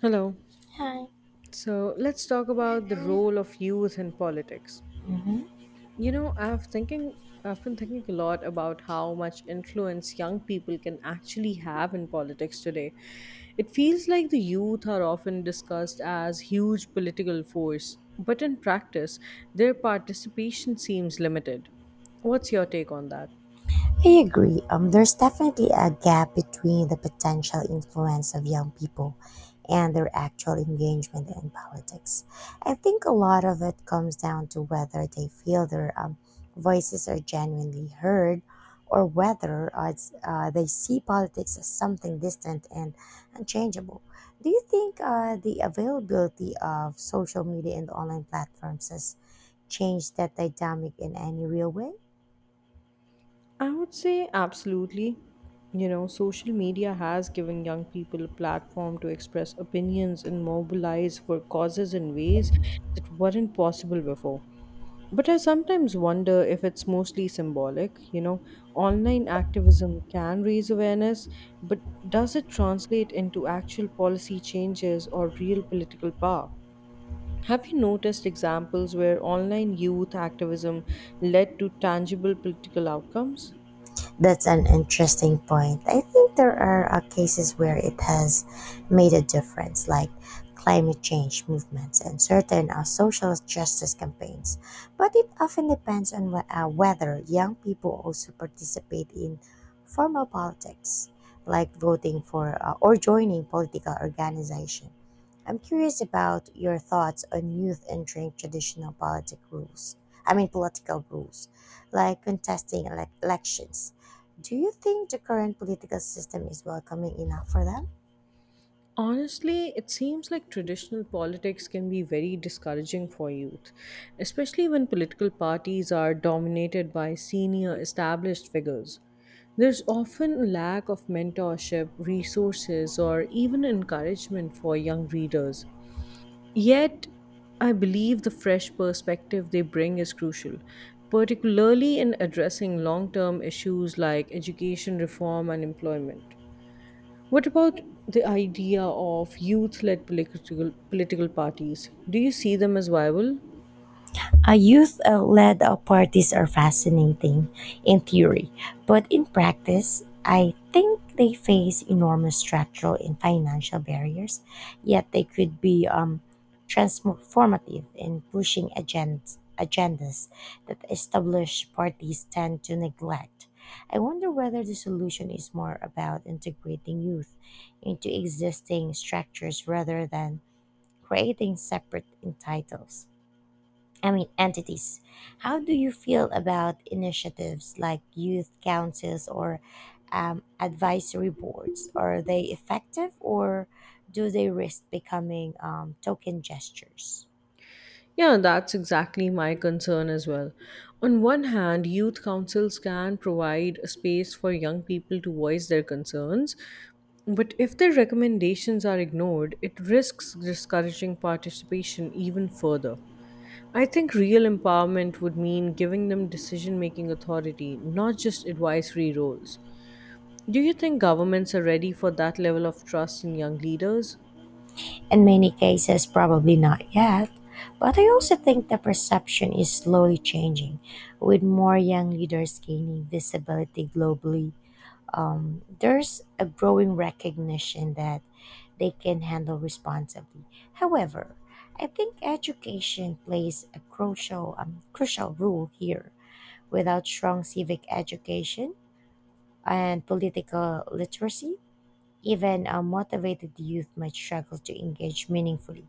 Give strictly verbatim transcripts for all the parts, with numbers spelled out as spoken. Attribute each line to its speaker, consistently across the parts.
Speaker 1: Hello.
Speaker 2: Hi.
Speaker 1: So let's talk about the role of youth in politics.
Speaker 2: Mhm.
Speaker 1: You know, I've thinking I've been thinking a lot about how much influence young people can actually have in politics today. It feels like the youth are often discussed as huge political force, but in practice, their participation seems limited. What's your take on that?
Speaker 2: I agree. Um, there's definitely a gap between the potential influence of young people and their actual engagement in politics. I think a lot of it comes down to whether they feel their um, voices are genuinely heard or whether uh, it's, uh, they see politics as something distant and unchangeable. Do you think uh, the availability of social media and online platforms has changed that dynamic in any real way?
Speaker 1: I would say absolutely. You know, social media has given young people a platform to express opinions and mobilize for causes in ways that weren't possible before. But I sometimes wonder if it's mostly symbolic. You know, online activism can raise awareness, but does it translate into actual policy changes or real political power? Have you noticed examples where online youth activism led to tangible political outcomes?
Speaker 2: That's an interesting point. I think there are uh, cases where it has made a difference, like climate change movements and certain uh, social justice campaigns. But it often depends on wh- uh, whether young people also participate in formal politics, like voting for uh, or joining political organization. I'm curious about your thoughts on youth entering traditional politic rules. I mean, political rules, like contesting elec elections. Do you think the current political system is welcoming enough for them?
Speaker 1: Honestly, it seems like traditional politics can be very discouraging for youth, especially when political parties are dominated by senior established figures. There's often a lack of mentorship, resources, or even encouragement for young readers. Yet, I believe the fresh perspective they bring is crucial, particularly in addressing long term issues like education reform and employment. What about the idea of youth-led political political parties? Do you see them as viable?
Speaker 2: A youth uh, led uh, parties are fascinating in theory, but in practice, I think they face enormous structural and financial barriers, yet they could be um, transformative in pushing agendas, agendas that established parties tend to neglect. I wonder whether the solution is more about integrating youth into existing structures rather than creating separate entitles. I mean entities. How do you feel about initiatives like youth councils or um, advisory boards? Are they effective or do they risk becoming um, token gestures?
Speaker 1: Yeah, that's exactly my concern as well. On one hand, youth councils can provide a space for young people to voice their concerns, but if their recommendations are ignored, it risks discouraging participation even further. I think real empowerment would mean giving them decision making authority, not just advisory roles. Do you think governments are ready for that level of trust in young leaders?
Speaker 2: In many cases, probably not yet. But I also think the perception is slowly changing, with more young leaders gaining visibility globally. Um, there's a growing recognition that they can handle responsibly. However, I think education plays a crucial um, crucial role here. Without strong civic education and political literacy, even a motivated youth might struggle to engage meaningfully.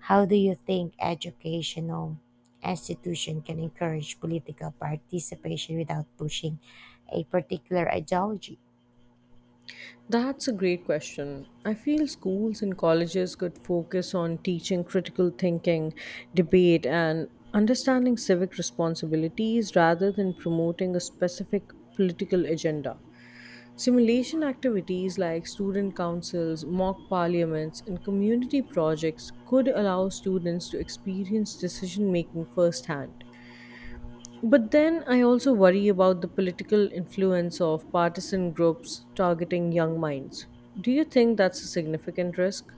Speaker 2: How do you think educational institution can encourage political participation without pushing a particular ideology?
Speaker 1: That's a great question. I feel schools and colleges could focus on teaching critical thinking, debate, and understanding civic responsibilities rather than promoting a specific political agenda. Simulation activities like student councils, mock parliaments, and community projects could allow students to experience decision making firsthand. But then I also worry about the political influence of partisan groups targeting young minds. Do you think that's a significant risk?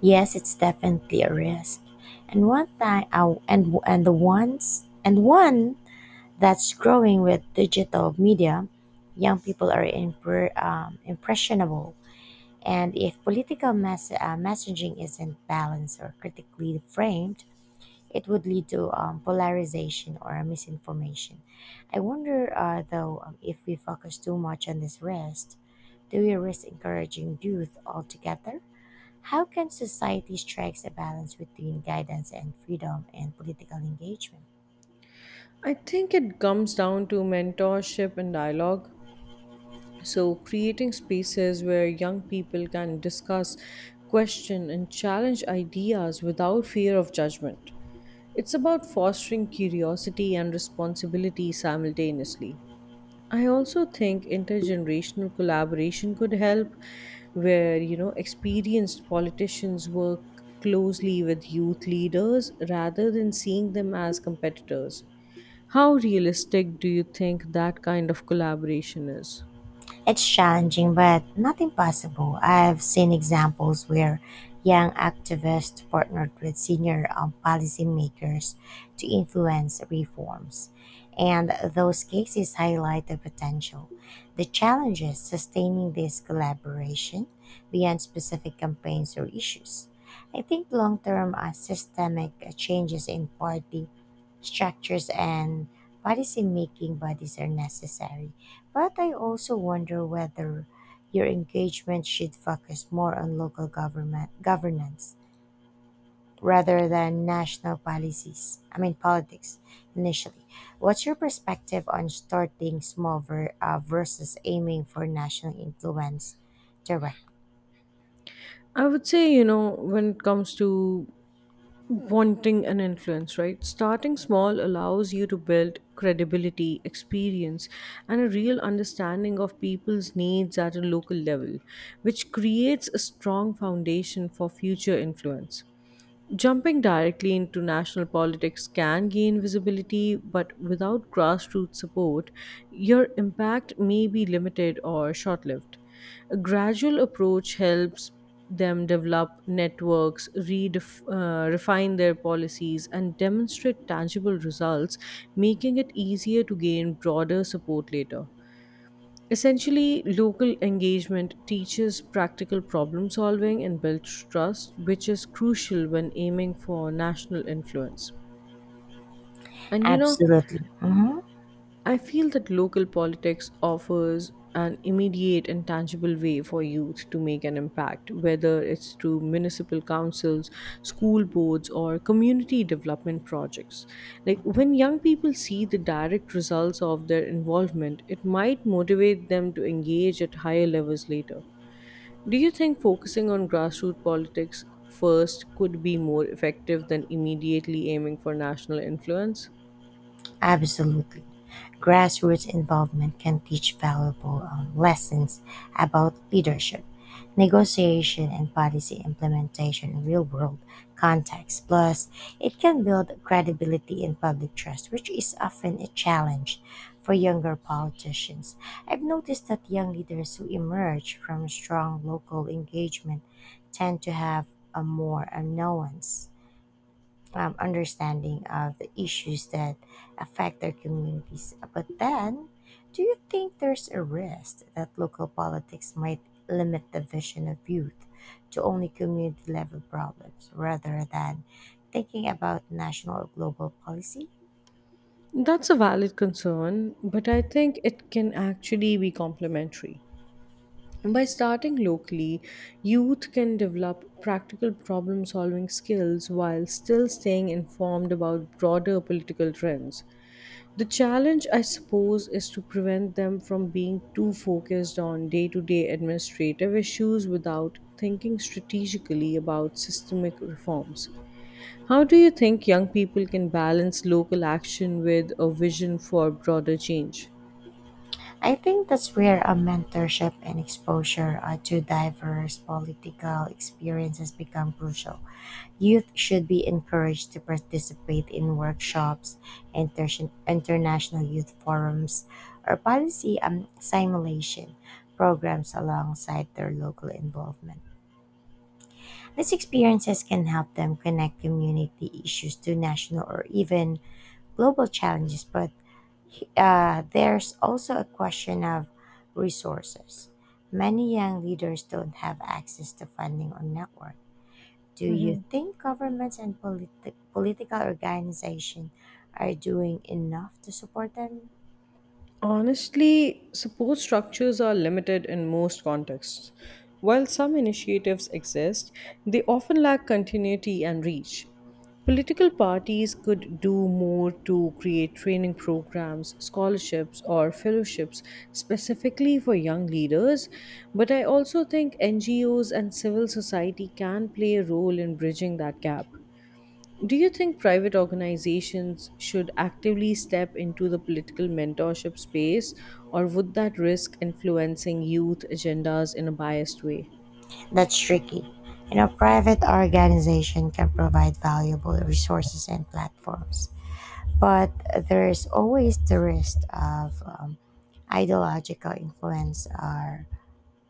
Speaker 2: Yes, it's definitely a risk. And one thing I, and and the ones and one that's growing with digital media, young people are impre- um, impressionable. And if political mess- uh, messaging isn't balanced or critically framed, it would lead to um, polarization or misinformation. I wonder, uh, though, um, if we focus too much on this risk, do we risk encouraging youth altogether? How can society strike a balance between guidance and freedom and political engagement?
Speaker 1: I think it comes down to mentorship and dialogue. So, creating spaces where young people can discuss, question, and challenge ideas without fear of judgment. It's about fostering curiosity and responsibility simultaneously. I also think intergenerational collaboration could help, where you know experienced politicians work closely with youth leaders rather than seeing them as competitors. How realistic do you think that kind of collaboration is?
Speaker 2: It's challenging, but not impossible. I've seen examples where young activists partnered with senior um, policymakers to influence reforms, and those cases highlight the potential. The challenge is sustaining this collaboration beyond specific campaigns or issues. I think long term uh, systemic uh, changes in party structures and policy making bodies are necessary. But I also wonder whether your engagement should focus more on local government governance rather than national policies. I mean politics initially. What's your perspective on starting small ver- uh, versus aiming for national influence direct?
Speaker 1: I would say, you know, when it comes to wanting an influence, right? Starting small allows you to build credibility, experience, and a real understanding of people's needs at a local level, which creates a strong foundation for future influence. Jumping directly into national politics can gain visibility, but without grassroots support, your impact may be limited or short lived. A gradual approach helps them develop networks, redef- uh, refine their policies, and demonstrate tangible results, making it easier to gain broader support later. Essentially, local engagement teaches practical problem solving and builds trust, which is crucial when aiming for national influence. And you know,
Speaker 2: Absolutely. hmm
Speaker 1: I feel that local politics offers an immediate and tangible way for youth to make an impact, whether it's through municipal councils, school boards, or community development projects. Like when young people see the direct results of their involvement, it might motivate them to engage at higher levels later. Do you think focusing on grassroots politics first could be more effective than immediately aiming for national influence?
Speaker 2: Absolutely. Grassroots involvement can teach valuable um, lessons about leadership, negotiation, and policy implementation in real world contexts. Plus, it can build credibility and public trust, which is often a challenge for younger politicians. I've noticed that young leaders who emerge from strong local engagement tend to have a more a nuance um, understanding of the issues that affect their communities. But then, do you think there's a risk that local politics might limit the vision of youth to only community level problems rather than thinking about national or global policy?
Speaker 1: That's a valid concern, but I think it can actually be complementary. By starting locally, youth can develop practical problem solving skills while still staying informed about broader political trends. The challenge, I suppose, is to prevent them from being too focused on day to day administrative issues without thinking strategically about systemic reforms. How do you think young people can balance local action with a vision for broader change?
Speaker 2: I think that's where a mentorship and exposure uh, to diverse political experiences become crucial. Youth should be encouraged to participate in workshops, inter- international youth forums, or policy um, simulation programs alongside their local involvement. These experiences can help them connect community issues to national or even global challenges, but uh, there's also a question of resources. Many young leaders don't have access to funding or networks. Do you think governments and politi- political organizations are doing enough to support them?
Speaker 1: Honestly, support structures are limited in most contexts. While some initiatives exist, they often lack continuity and reach. Political parties could do more to create training programs, scholarships, or fellowships specifically for young leaders, but I also think N G Os and civil society can play a role in bridging that gap. Do you think private organizations should actively step into the political mentorship space, or would that risk influencing youth agendas in a biased way?
Speaker 2: That's tricky. You know, private organization can provide valuable resources and platforms, but there is always the risk of um, ideological influence or,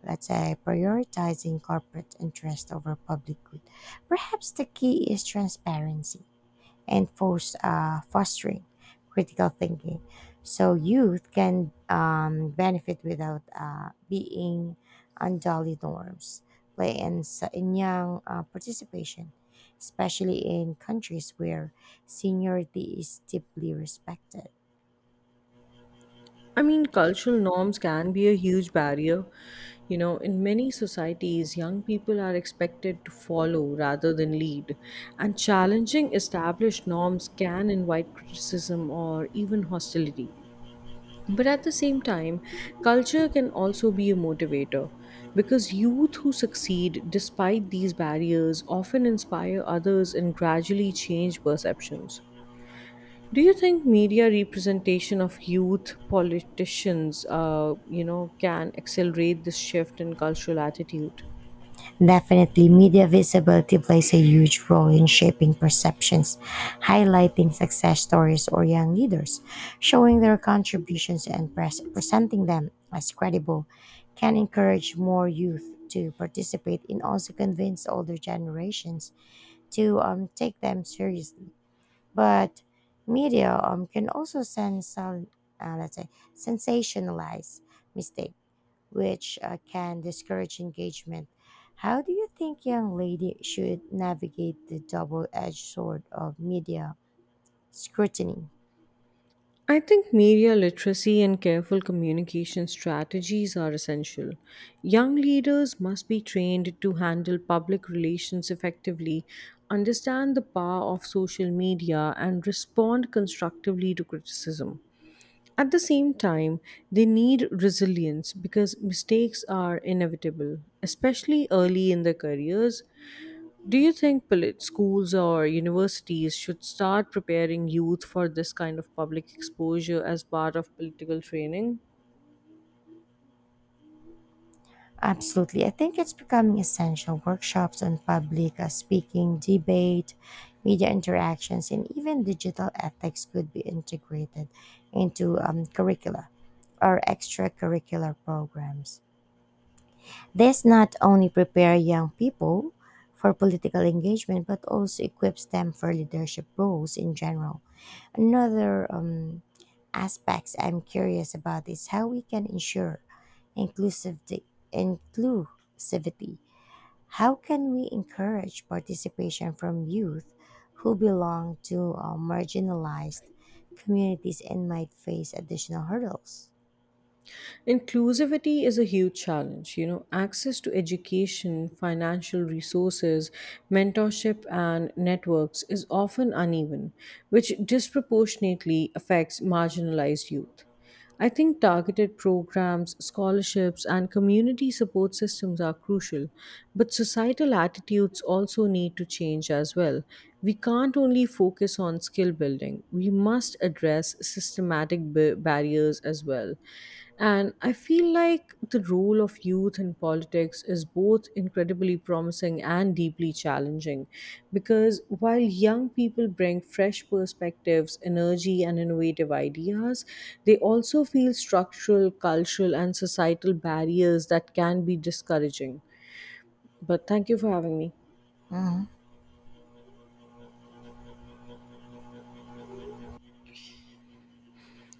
Speaker 2: let's say, prioritizing corporate interest over public good. Perhaps the key is transparency and force, uh, fostering critical thinking. So youth can um, benefit without uh, being unduly norms. Play and, s- and young uh, participation, especially in countries where seniority is deeply respected.
Speaker 1: I mean, cultural norms can be a huge barrier. You know, in many societies, young people are expected to follow rather than lead, and challenging established norms can invite criticism or even hostility. But at the same time, culture can also be a motivator because youth who succeed despite these barriers often inspire others and gradually change perceptions. Do you think media representation of youth politicians, uh, you know, can accelerate this shift in cultural attitude?
Speaker 2: Definitely, media visibility plays a huge role in shaping perceptions, highlighting success stories or young leaders, showing their contributions and pres- presenting them as credible can encourage more youth to participate and also convince older generations to um, take them seriously. But media um, can also send some, uh, let's say, sensationalize mistakes which uh, can discourage engagement. How do you think young lady should navigate the double-edged sword of media scrutiny?
Speaker 1: I think media literacy and careful communication strategies are essential. Young leaders must be trained to handle public relations effectively, understand the power of social media, and respond constructively to criticism. At the same time, they need resilience because mistakes are inevitable, especially early in their careers. Do you think polit- schools or universities should start preparing youth for this kind of public exposure as part of political training?
Speaker 2: Absolutely. I think it's becoming essential. Workshops on public uh, speaking, debate, media interactions, and even digital ethics could be integrated into um, curricula or extracurricular programs. This not only prepares young people for political engagement but also equips them for leadership roles in general. Another um, aspects I'm curious about is how we can ensure inclusive inclusivity. How can we encourage participation from youth who belong to uh, marginalized communities and might face additional hurdles?
Speaker 1: Inclusivity is a huge challenge. You know, access to education, financial resources, mentorship, and networks is often uneven, which disproportionately affects marginalized youth. I think targeted programs, scholarships, and community support systems are crucial, but societal attitudes also need to change as well. We can't only focus on skill building, we must address systematic ba- barriers as well. And I feel like the role of youth in politics is both incredibly promising and deeply challenging because while young people bring fresh perspectives, energy, and innovative ideas, they also feel structural, cultural, and societal barriers that can be discouraging. But thank you for having me.
Speaker 2: Mhm.